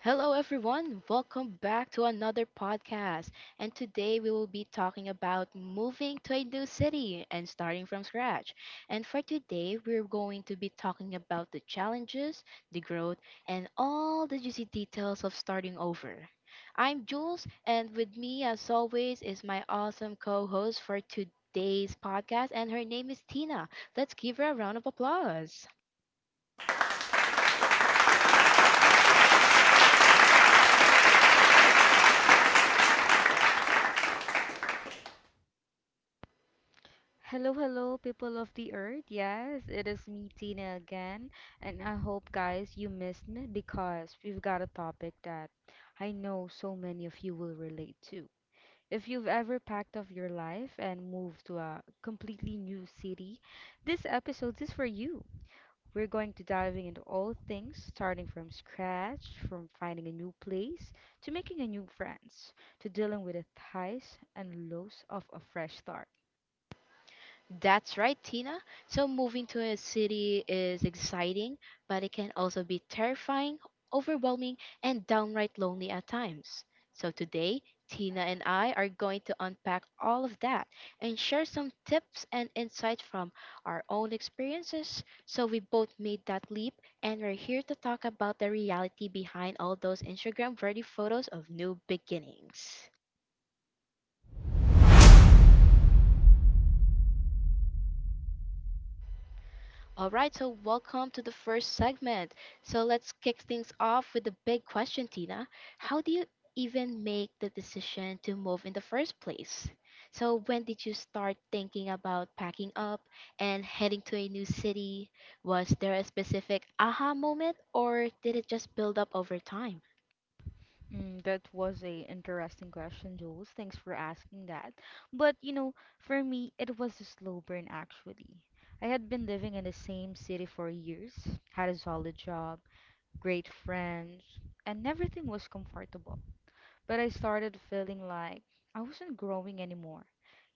Hello, everyone. Welcome back to another podcast. And today we will be talking about moving to a new city and starting from scratch. And for today, we're going to be talking about the challenges, the growth, and all the juicy details of starting over. I'm Jules, and with me, as always, is my awesome co host for today's podcast, and her name is Tina. Let's give her a round of applause. Hello, hello, people of the earth. Yes, it is me, Tina, again. And I hope, guys, you missed me because we've got a topic that I know so many of you will relate to. If you've ever packed up your life and moved to a completely new city, this episode is for you. We're going to diving into all things, starting from scratch, from finding a new place, to making a new friends, to dealing with the highs and lows of a fresh start. That's right, Tina. So moving to a city is exciting, but it can also be terrifying, overwhelming, and downright lonely at times. So today, Tina and I are going to unpack all of that and share some tips and insights from our own experiences. So we both made that leap and we're here to talk about the reality behind all those Instagram worthy photos of new beginnings. All right, so welcome to the first segment. So let's kick things off with the big question, Tina. How do you even make the decision to move in the first place? So, when did you start thinking about packing up and heading to a new city? Was there a specific aha moment or did it just build up over time? That was a interesting question, Jules. Thanks for asking that. But you know, for me, it was a slow burn actually. I had been living in the same city for years, had a solid job, great friends, and everything was comfortable. But I started feeling like I wasn't growing anymore.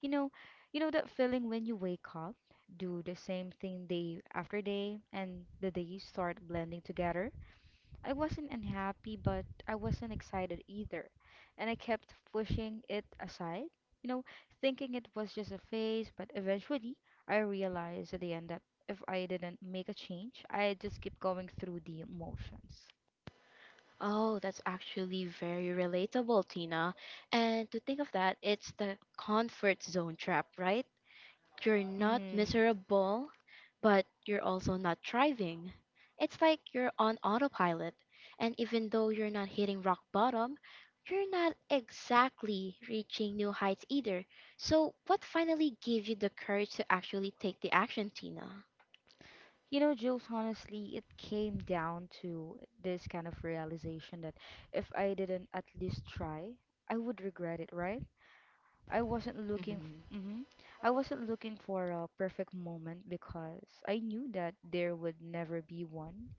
You know, you know that feeling when you wake up, do the same thing day after day, and the days start blending together? I wasn't unhappy, but I wasn't excited either. And I kept pushing it aside, you know, thinking it was just a phase, but eventually I realized at the end that if I didn't make a change, I'd just keep going through the emotions. Oh, that's actually very relatable, Tina. And to think of that, it's the comfort zone trap, right? You're not hmm miserable, but you're also not thriving. It's like you're on autopilot, and even though you're not hitting rock bottom, you're not exactly reaching new heights either. So, what finally gave you the courage to actually take the action, Tina? You know, Jules, honestly, it came down to this kind of realization that if I didn't at least try, I would regret it, right? I wasn't looking Mhm. mm-hmm. I wasn't looking for a perfect moment because I knew that there would never be one.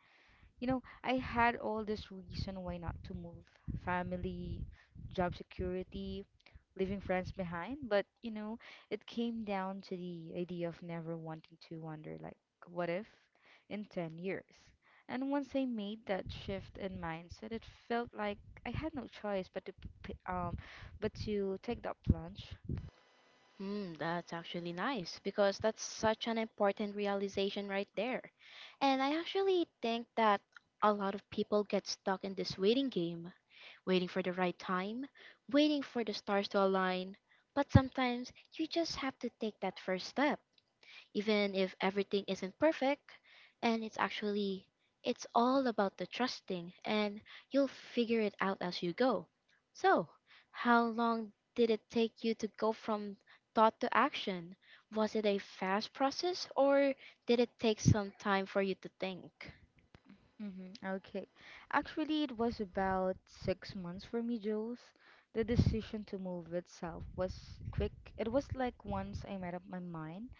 You know, I had all this reason why not to move. Family, job security, leaving friends behind, but you know, it came down to the idea of never wanting to wonder like what if in 10 years. And once I made that shift in mindset, it felt like I had no choice but to take that plunge. Hmm, that's actually nice because that's such an important realization right there. And I actually think that a lot of people get stuck in this waiting game. Waiting for the right time, waiting for the stars to align. But sometimes you just have to take that first step, even if everything isn't perfect. And it's actually, it's all about the trusting, and you'll figure it out as you go. So, how long did it take you to go from thought to action? Was it a fast process, or did it take some time for you to think? Okay. Actually, it was about 6 months for me, Jules. The decision to move itself was quick. It was like once I made up my mind,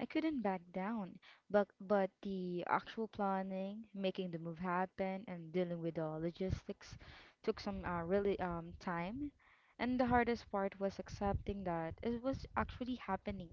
I couldn't back down. But the actual planning, making the move happen, and dealing with the logistics took some really time. And the hardest part was accepting that it was actually happening.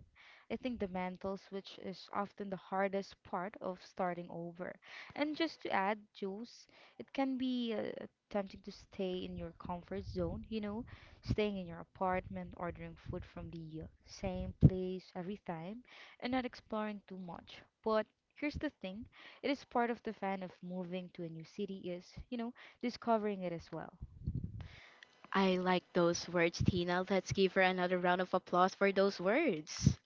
I think the mental switch is often the hardest part of starting over, and just to add, Jules, it can be tempting to stay in your comfort zone, you know, staying in your apartment, ordering food from the same place every time, and not exploring too much. But here's the thing, it is part of the fun of moving to a new city is, you know, discovering it as well. I like those words, Tina. Let's give her another round of applause for those words.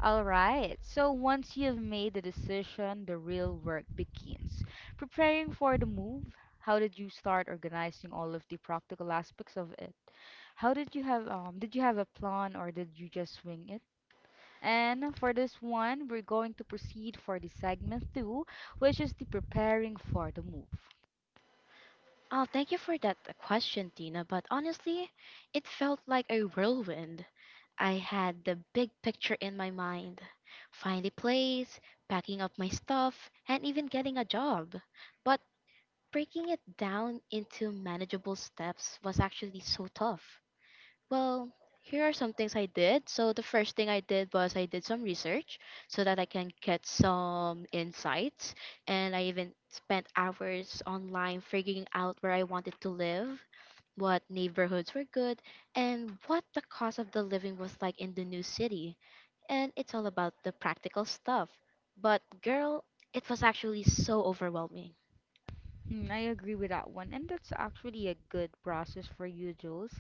All right. So once you've made the decision, the real work begins. Preparing for the move, how did you start organizing all of the practical aspects of it? How did you have Did you have a plan or did you just swing it? And for this one, we're going to proceed for the segment 2, which is the preparing for the move. Oh, thank you for that question, Tina. But honestly, it felt like a whirlwind. I had the big picture in my mind, find a place, packing up my stuff, and even getting a job. But breaking it down into manageable steps was actually so tough. Well, here are some things I did. So the first thing I did was I did some research so that I can get some insights. And I even spent hours online figuring out where I wanted to live, what neighborhoods were good, and what the cost of the living was like in the new city. And it's all about the practical stuff. But girl, it was actually so overwhelming. Hmm, I agree with that one. And that's actually a good process for you, Jules.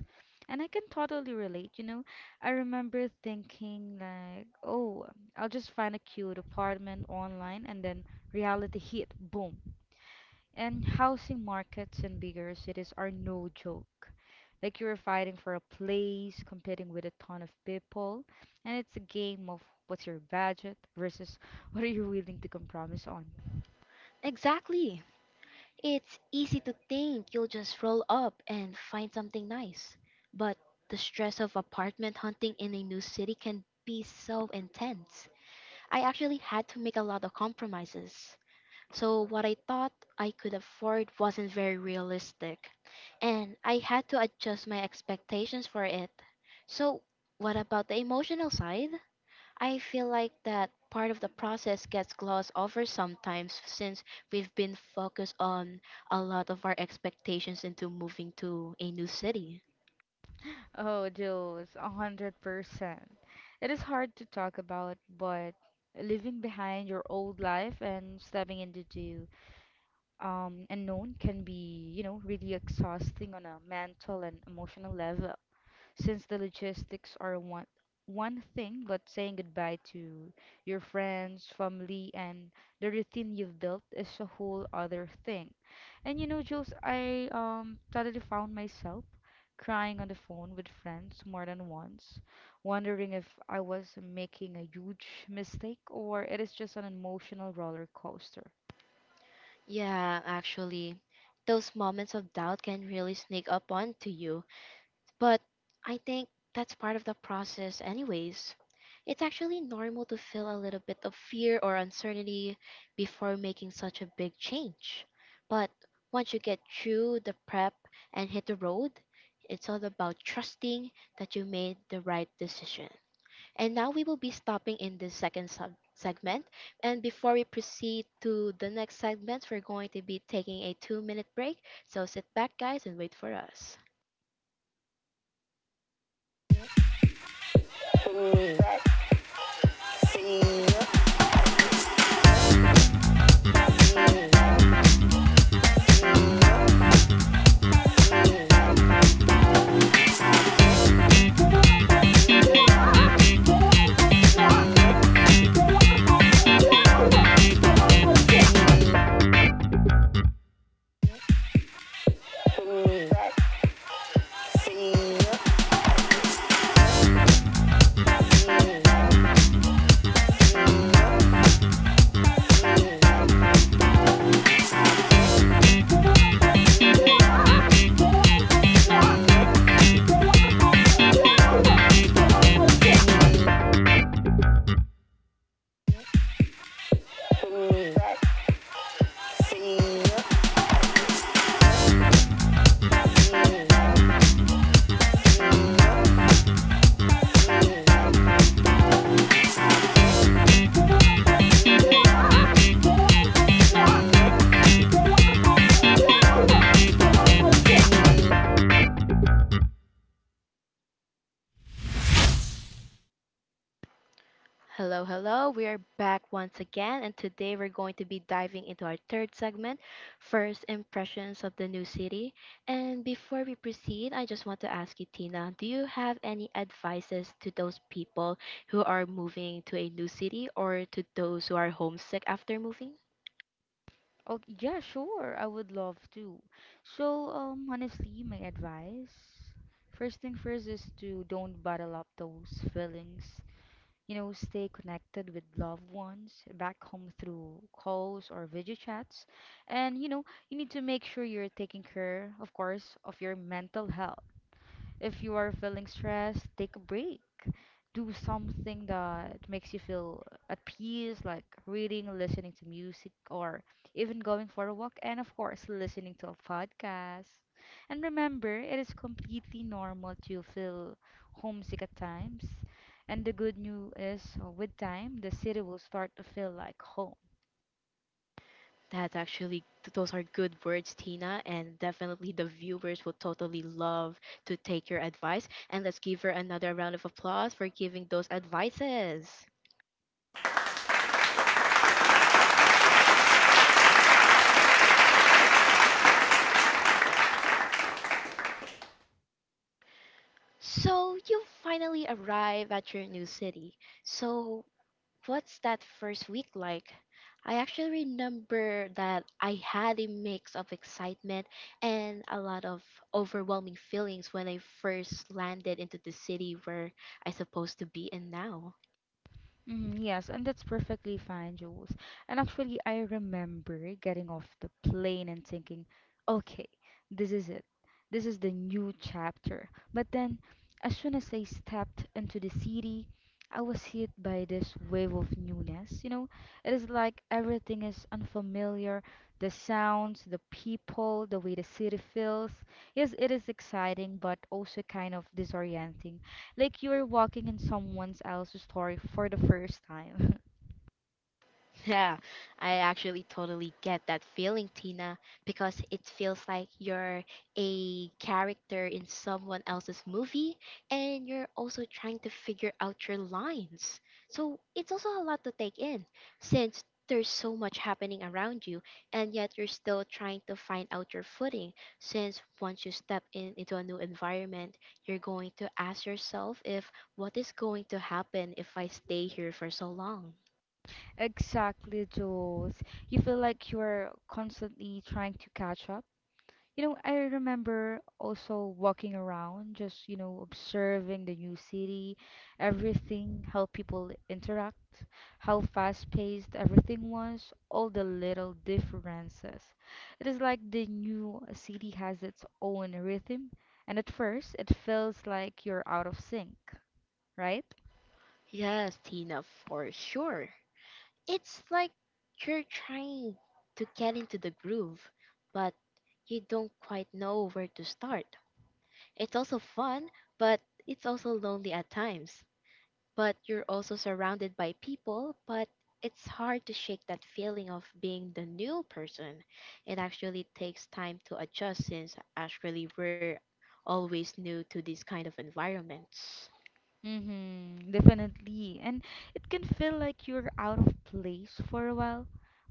And I can totally relate, you know. I remember thinking like, oh, I'll just find a cute apartment online, and then reality hit, boom. And housing markets in bigger cities are no joke. Like you're fighting for a place, competing with a ton of people, and it's a game of what's your budget versus what are you willing to compromise on. Exactly. It's easy to think you'll just roll up and find something nice, but the stress of apartment hunting in a new city can be so intense. I actually had to make a lot of compromises. So, what I thought I could afford wasn't very realistic, and I had to adjust my expectations for it. So, what about the emotional side? I feel like that part of the process gets glossed over sometimes since we've been focused on a lot of our expectations into moving to a new city. Oh, Jules, 100%. It is hard to talk about, but leaving behind your old life and stepping into unknown can be, you know, really exhausting on a mental and emotional level, since the logistics are one thing, but saying goodbye to your friends, family, and the routine you've built is a whole other thing. And you know, Jules, I totally found myself crying on the phone with friends more than once, wondering if I was making a huge mistake or it is just an emotional roller coaster. Yeah, actually, those moments of doubt can really sneak up onto you. But I think that's part of the process, anyways. It's actually normal to feel a little bit of fear or uncertainty before making such a big change. But once you get through the prep and hit the road, it's all about trusting that you made the right decision. And now we will be stopping in this second sub segment. And before we proceed to the next segment, we're going to be taking a 2 minute break. So sit back, guys, and wait for us. Hello, hello. We are back once again, and today we're going to be diving into our third segment, First Impressions of the New City. And before we proceed, I just want to ask you, Tina, do you have any advices to those people who are moving to a new city or to those who are homesick after moving? Oh, yeah, sure. I would love to. Honestly, my advice, first thing first is to don't bottle up those feelings. You know, stay connected with loved ones back home through calls or video chats. And, you know, you need to make sure you're taking care, of course, of your mental health. If you are feeling stressed, take a break. Do something that makes you feel at peace, like reading, listening to music, or even going for a walk, and of course, listening to a podcast. And remember, it is completely normal to feel homesick at times. And the good news is, with time, the city will start to feel like home. That's actually, those are good words, Tina, and definitely the viewers will totally love to take your advice. And let's give her another round of applause for giving those advices. So you finally arrive at your new city. So what's that first week like? I actually remember that I had a mix of excitement and a lot of overwhelming feelings when I first landed into the city where I'm supposed to be in now. Mhm. Yes, and that's perfectly fine, Jules. And actually, I remember getting off the plane and thinking, okay, this is it. This is the new chapter. But then, as soon as I stepped into the city, I was hit by this wave of newness. You know, it is like everything is unfamiliar, the sounds, the people, the way the city feels. Yes, it is exciting, but also kind of disorienting, like you are walking in someone else's story for the first time. Yeah, I actually totally get that feeling, Tina, because it feels like you're a character in someone else's movie and you're also trying to figure out your lines. So it's also a lot to take in since there's so much happening around you and yet you're still trying to find out your footing since once you step in into a new environment you're going to ask yourself if what is going to happen if I stay here for so long. Exactly, Jules. You feel like you're constantly trying to catch up. You know, I remember also walking around, just, you know, observing the new city, everything, how people interact, how fast-paced everything was, all the little differences. It is like the new city has its own rhythm, and at first it feels like you're out of sync, right? Yes, Tina, for sure. It's like you're trying to get into the groove, but you don't quite know where to start. It's also fun, but it's also lonely at times. But you're also surrounded by people, but it's hard to shake that feeling of being the new person. It actually takes time to adjust since actually we're always new to these kind of environments. Mm-hmm, definitely. And it can feel like you're out of place for a while,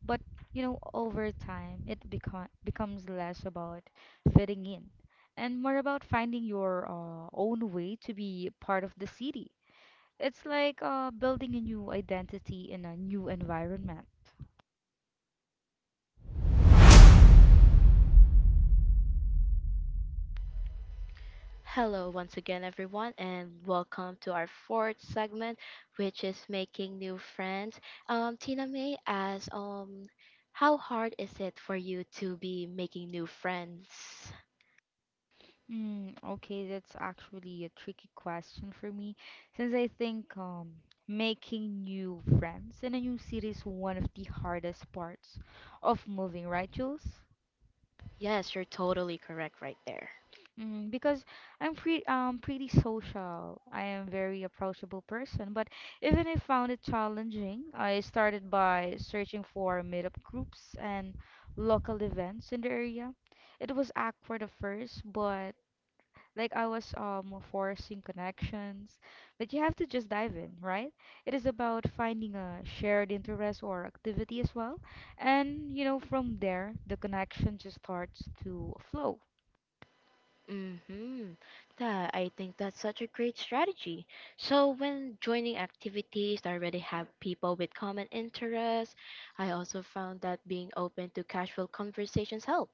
but you know, over time, it becomes less about fitting in and more about finding your own way to be part of the city. It's like building a new identity in a new environment. Hello, once again, everyone, and welcome to our fourth segment, which is making new friends. Tina May asks, how hard is it for you to be making new friends? Okay, that's actually a tricky question for me, since I think making new friends in a new city is one of the hardest parts of moving, right, Jules? Yes, you're totally correct right there. Because I'm pre pretty social. I am very approachable person, but even I found it challenging. I started by searching for meetup groups and local events in the area. It was awkward at first, but like I was forcing connections, but you have to just dive in, right? It is about finding a shared interest or activity as well, and you know from there the connection just starts to flow. Mm-hmm. That, I think that's such a great strategy. So when joining activities, I already have people with common interests. I also found that being open to casual conversations help.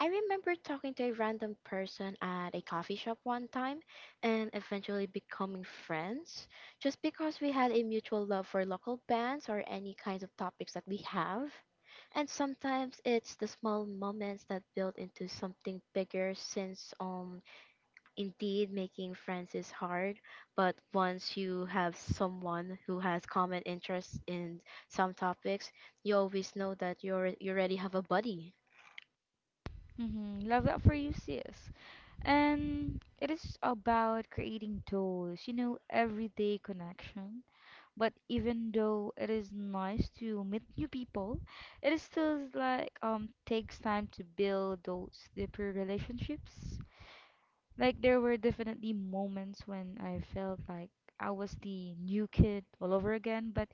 I remember talking to a random person at a coffee shop one time and eventually becoming friends just because we had a mutual love for local bands or any kinds of topics that we have. And sometimes it's the small moments that build into something bigger since indeed making friends is hard, but once you have someone who has common interests in some topics, you always know that you already have a buddy. Mm-hmm. Love that for you, sis. And it is about creating those, you know, everyday connection. But even though it is nice to meet new people, it is still like takes time to build those deeper relationships. Like there were definitely moments when I felt like I was the new kid all over again, but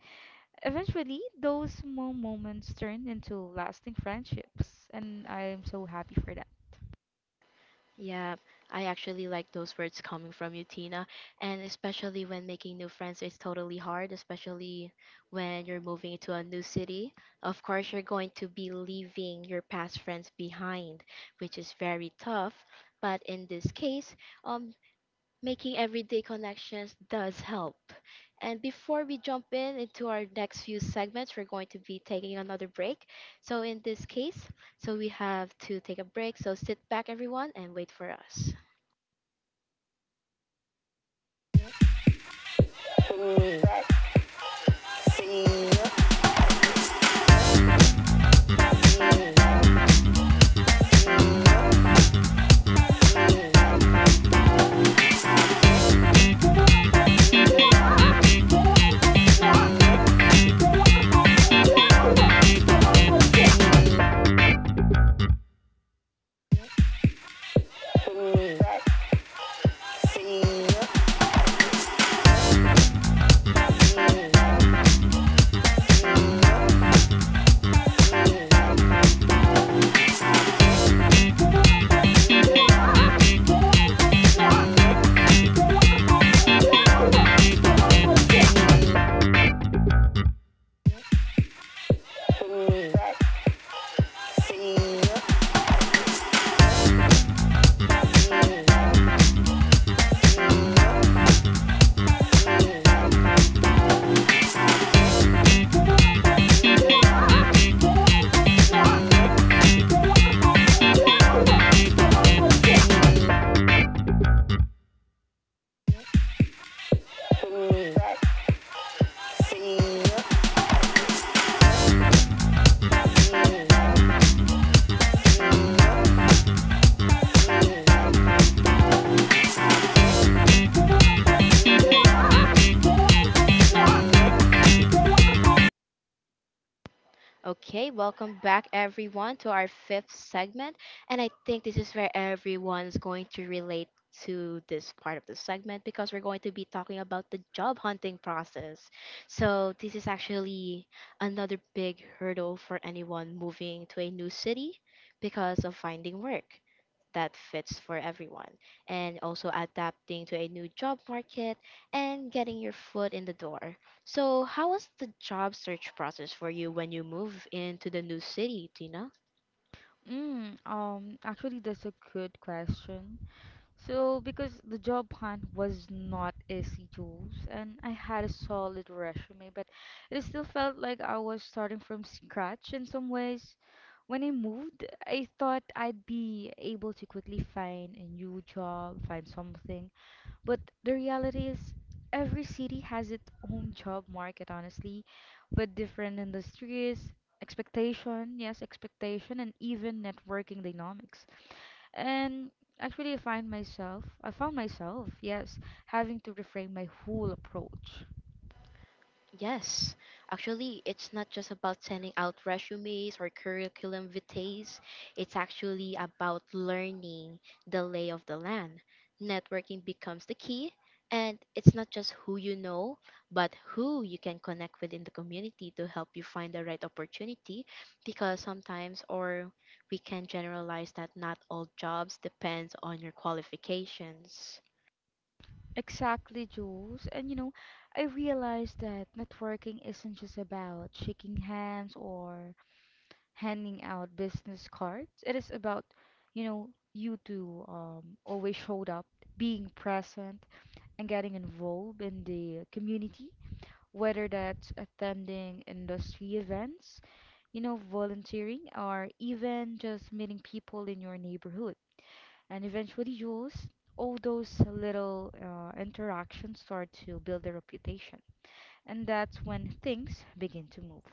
eventually those small moments turned into lasting friendships, and I am so happy for that. Yeah, I actually like those words coming from you, Tina. And especially when making new friends, it's totally hard, especially when you're moving into a new city. Of course, you're going to be leaving your past friends behind, which is very tough. But in this case, um, making everyday connections does help. And before we jump in into our next few segments, we're going to be taking another break. So in this case, so we have to take a break. So sit back everyone and wait for us. Okay, welcome back everyone to our fifth segment. And I think this is where everyone's going to relate to this part of the segment because we're going to be talking about the job hunting process. So, this is actually another big hurdle for anyone moving to a new city because of finding work that fits for everyone and also adapting to a new job market and getting your foot in the door. So, how was the job search process for you when you move into the new city, Tina? Actually, that's a good question. So, because the job hunt was not easy, Jules, and I had a solid resume, but it still felt like I was starting from scratch in some ways. When I moved, I thought I'd be able to quickly find a new job, find something. But the reality is, every city has its own job market, honestly, with different industries, expectation, yes, expectation, and even networking dynamics. And actually, I found myself, yes, having to reframe my whole approach. Yes, actually, it's not just about sending out resumes or curriculum vitae. It's actually about learning the lay of the land. Networking becomes the key, and it's not just who you know, but who you can connect with in the community to help you find the right opportunity. Because sometimes, or we can generalize that not all jobs depends on your qualifications. Exactly, Jules. And you know, I realized that networking isn't just about shaking hands or handing out business cards. It is about, you know, you to always showed up, being present, and getting involved in the community, whether that's attending industry events, you know, volunteering, or even just meeting people in your neighborhood. And eventually, Jules, all those little interactions start to build a reputation. And that's when things begin to move.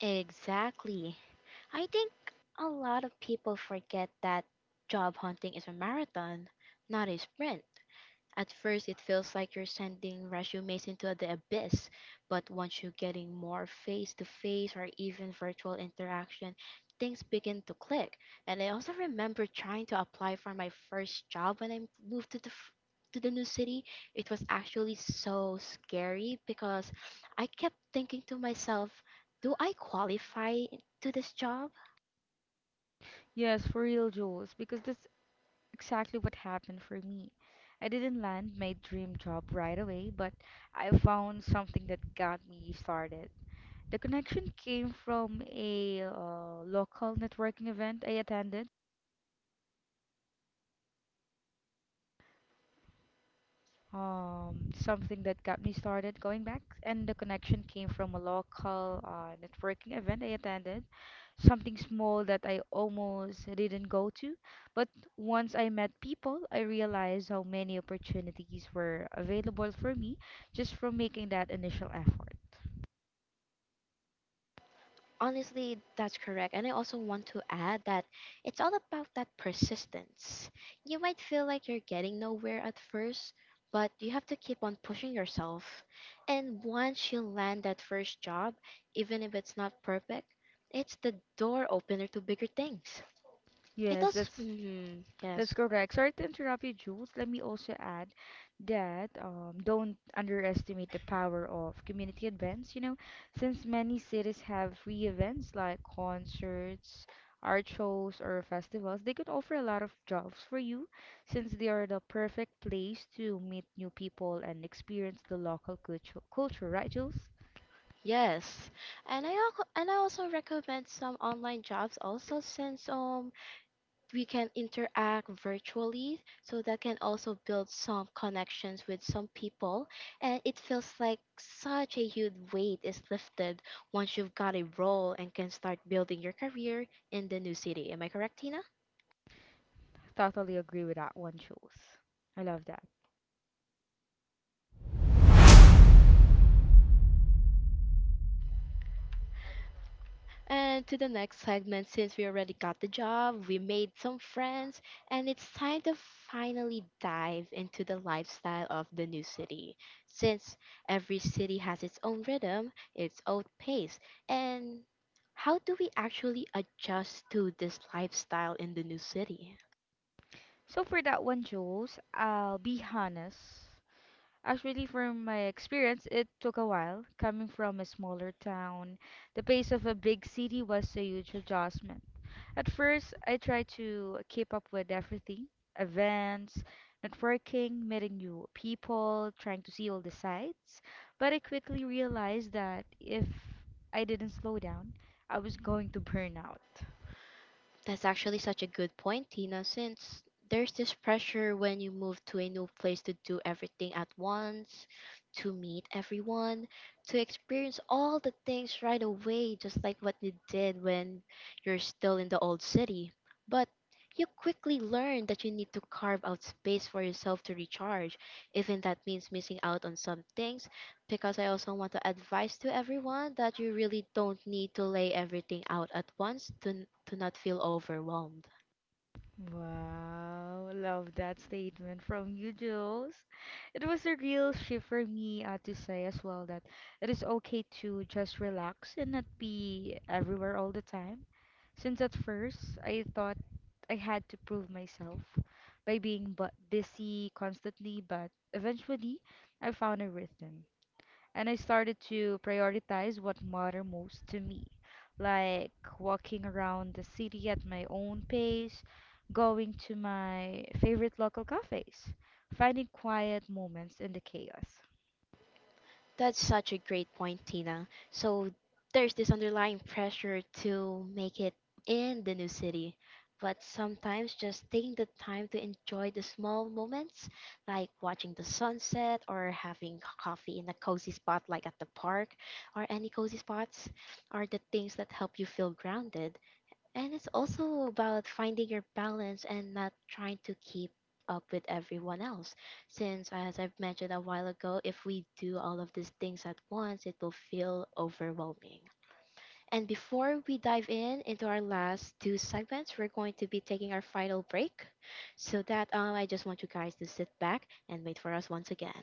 Exactly. I think a lot of people forget that job hunting is a marathon, not a sprint. At first, it feels like you're sending resumes into the abyss, but once you're getting more face to face or even virtual interaction, things begin to click. And I also remember trying to apply for my first job when I moved to the to the new city. It was actually so scary because I kept thinking to myself, do I qualify to this job? Yes, for real, Jules, because this exactly what happened for me. I didn't land my dream job right away, but I found something that got me started. The connection came from a local networking event I attended. Something that got me started going back. And the connection came from a local networking event I attended, something small that I almost didn't go to. But once I met people, I realized how many opportunities were available for me just from making that initial effort. Honestly, that's correct. And I also want to add that it's all about that persistence. You might feel like you're getting nowhere at first, but you have to keep on pushing yourself. And once you land that first job, even if it's not perfect, it's the door opener to bigger things. It Yes, also, that's That's yes, correct. Sorry to interrupt you, Jules. Let me also add that don't underestimate the power of community events. You know, since many cities have free events like concerts, art shows, or festivals, they could offer a lot of jobs for you, since they are the perfect place to meet new people and experience the local culture, right, Jules? yes. And I also recommend some online jobs also, since we can interact virtually so that can also build some connections with some people, and it feels like such a huge weight is lifted once you've got a role and can start building your career in the new city. Am I correct, Tina? Totally agree with that one, Jules. I love that. And to the next segment, since we already got the job, we made some friends, and it's time to finally dive into the lifestyle of the new city. Since every city has its own rhythm, its own pace, and how do we actually adjust to this lifestyle in the new city? So for that one, Jules, I'll be honest. Actually, from my experience, it took a while. Coming from a smaller town, the pace of a big city was a huge adjustment. At first, I tried to keep up with everything, events, networking, meeting new people, trying to see all the sights. But I quickly realized that if I didn't slow down, I was going to burn out. That's actually such a good point, Tina, since there's this pressure when you move to a new place to do everything at once, to meet everyone, to experience all the things right away, just like what you did when you're still in the old city. But you quickly learn that you need to carve out space for yourself to recharge, even that means missing out on some things, because I also want to advise to everyone that you really don't need to lay everything out at once to, to not feel overwhelmed. Wow, love that statement from you, Jules. It was a real shift for me to say as well that it is okay to just relax and not be everywhere all the time. Since at first I thought I had to prove myself by being bu busy constantly, but eventually I found a rhythm and I started to prioritize what mattered most to me, like walking around the city at my own pace, going to my favorite local cafes, finding quiet moments in the chaos. That's such a great point, Tina. So there's this underlying pressure to make it in the new city. But sometimes just taking the time to enjoy the small moments, like watching the sunset or having coffee in a cozy spot like at the park or any cozy spots, are the things that help you feel grounded. And it's also about finding your balance and not trying to keep up with everyone else. Since, as I've mentioned a while ago, if we do all of these things at once, it will feel overwhelming. And before we dive in into our last two segments, we're going to be taking our final break. So that I just want you guys to sit back and wait for us once again.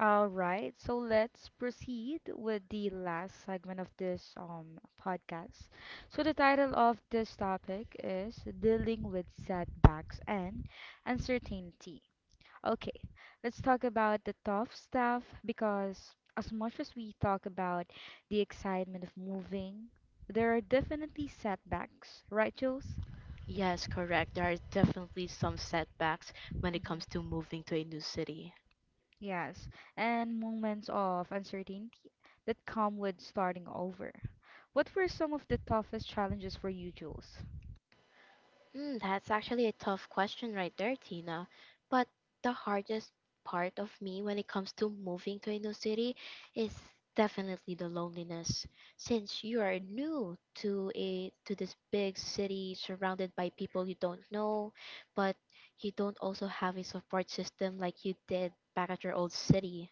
All right, so let's proceed with the last segment of this podcast. So the title of this topic is Dealing with Setbacks and Uncertainty. Okay, let's talk about the tough stuff, because as much as we talk about the excitement of moving, there are definitely setbacks, right, Jules? Yes, correct. There are definitely some setbacks when it comes hmm to moving to a new city. Yes, and moments of uncertainty that come with starting over. What were some of the toughest challenges for you, Jules? Mm, that's actually a tough question right there, Tina. But the hardest part of me when it comes to moving to a new city is definitely the loneliness. Since you are new to a to this big city surrounded by people you don't know, but you don't also have a support system like you did back at your old city.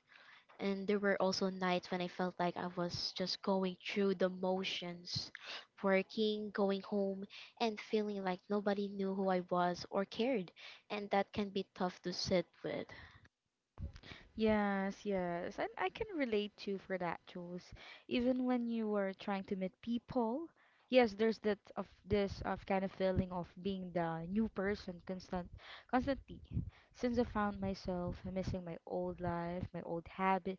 And there were also nights when I felt like I was just going through the motions, working, going home, and feeling like nobody knew who I was or cared. And that can be tough to sit with. Yes, yes. And I can relate too for that, Jules. Even when you were trying to meet people, yes, there's that of this of kind of feeling of being the new person constantly. Since I found myself missing my old life, my old habit,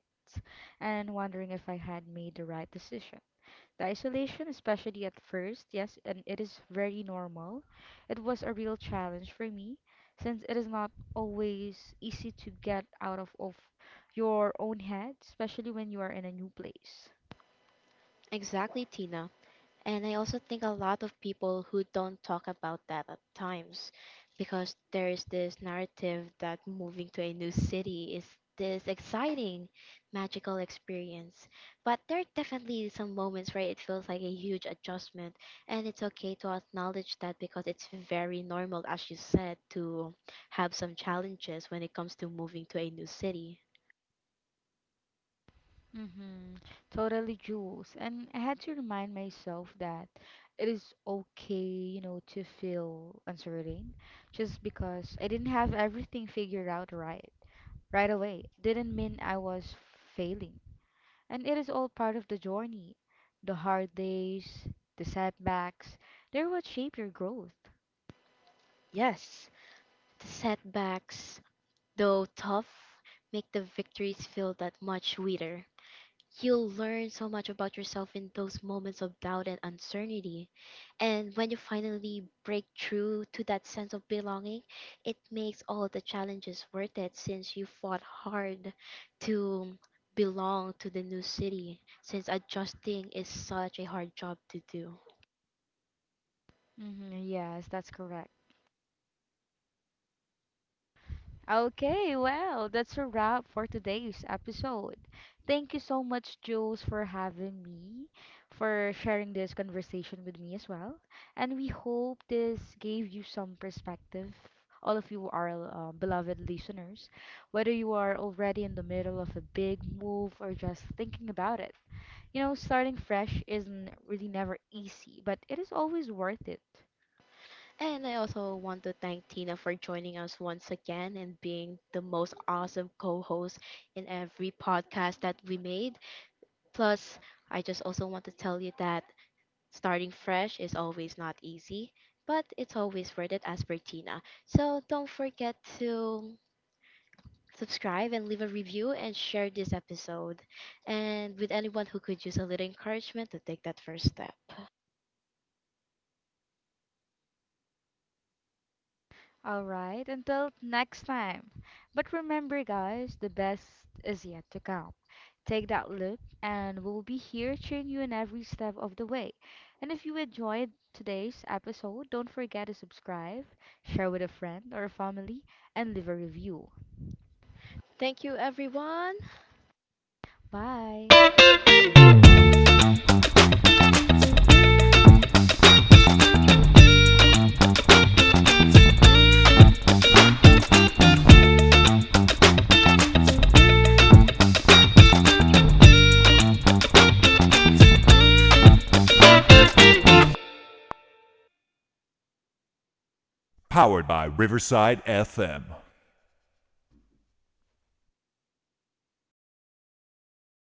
and wondering if I had made the right decision. The isolation, especially at first, yes, and it is very normal. It was a real challenge for me, since it is not always easy to get out of, your own head, especially when you are in a new place. Exactly, Tina. And I also think a lot of people who don't talk about that at times, because there is this narrative that moving to a new city is this exciting, magical experience. But there are definitely some moments where it feels like a huge adjustment, and it's okay to acknowledge that because it's very normal, as you said, to have some challenges when it comes to moving to a new city. Mm-hmm. Totally, Jules. And I had to remind myself that it is okay, you know, to feel uncertain just because I didn't have everything figured out right away. Didn't mean I was failing. And it is all part of the journey. The hard days, the setbacks, they're what shape your growth. Yes, the setbacks, though tough, make the victories feel that much sweeter. You'll learn so much about yourself in those moments of doubt and uncertainty. And when you finally break through to that sense of belonging, it makes all the challenges worth it, since you fought hard to belong to the new city, since adjusting is such a hard job to do. Yes, that's correct. Okay, well, that's a wrap for today's episode. Thank you so much, Jules, for having me, for sharing this conversation with me as well. And we hope this gave you some perspective, all of you, our beloved listeners, whether you are already in the middle of a big move or just thinking about it. You know, starting fresh isn't really never easy, but it is always worth it. And I also want to thank Tina for joining us once again and being the most awesome co host in every podcast that we made. Plus, I just also want to tell you that starting fresh is always not easy, but it's always worth it, as per Tina. So don't forget to subscribe and leave a review and share this episode. And with anyone who could use a little encouragement to take that first step. All right, until next time. But remember, guys, the best is yet to come. Take that look, and we'll be here cheering you in every step of the way. And if you enjoyed today's episode, don't forget to subscribe, share with a friend or a family, and leave a review. Thank you, everyone. Bye.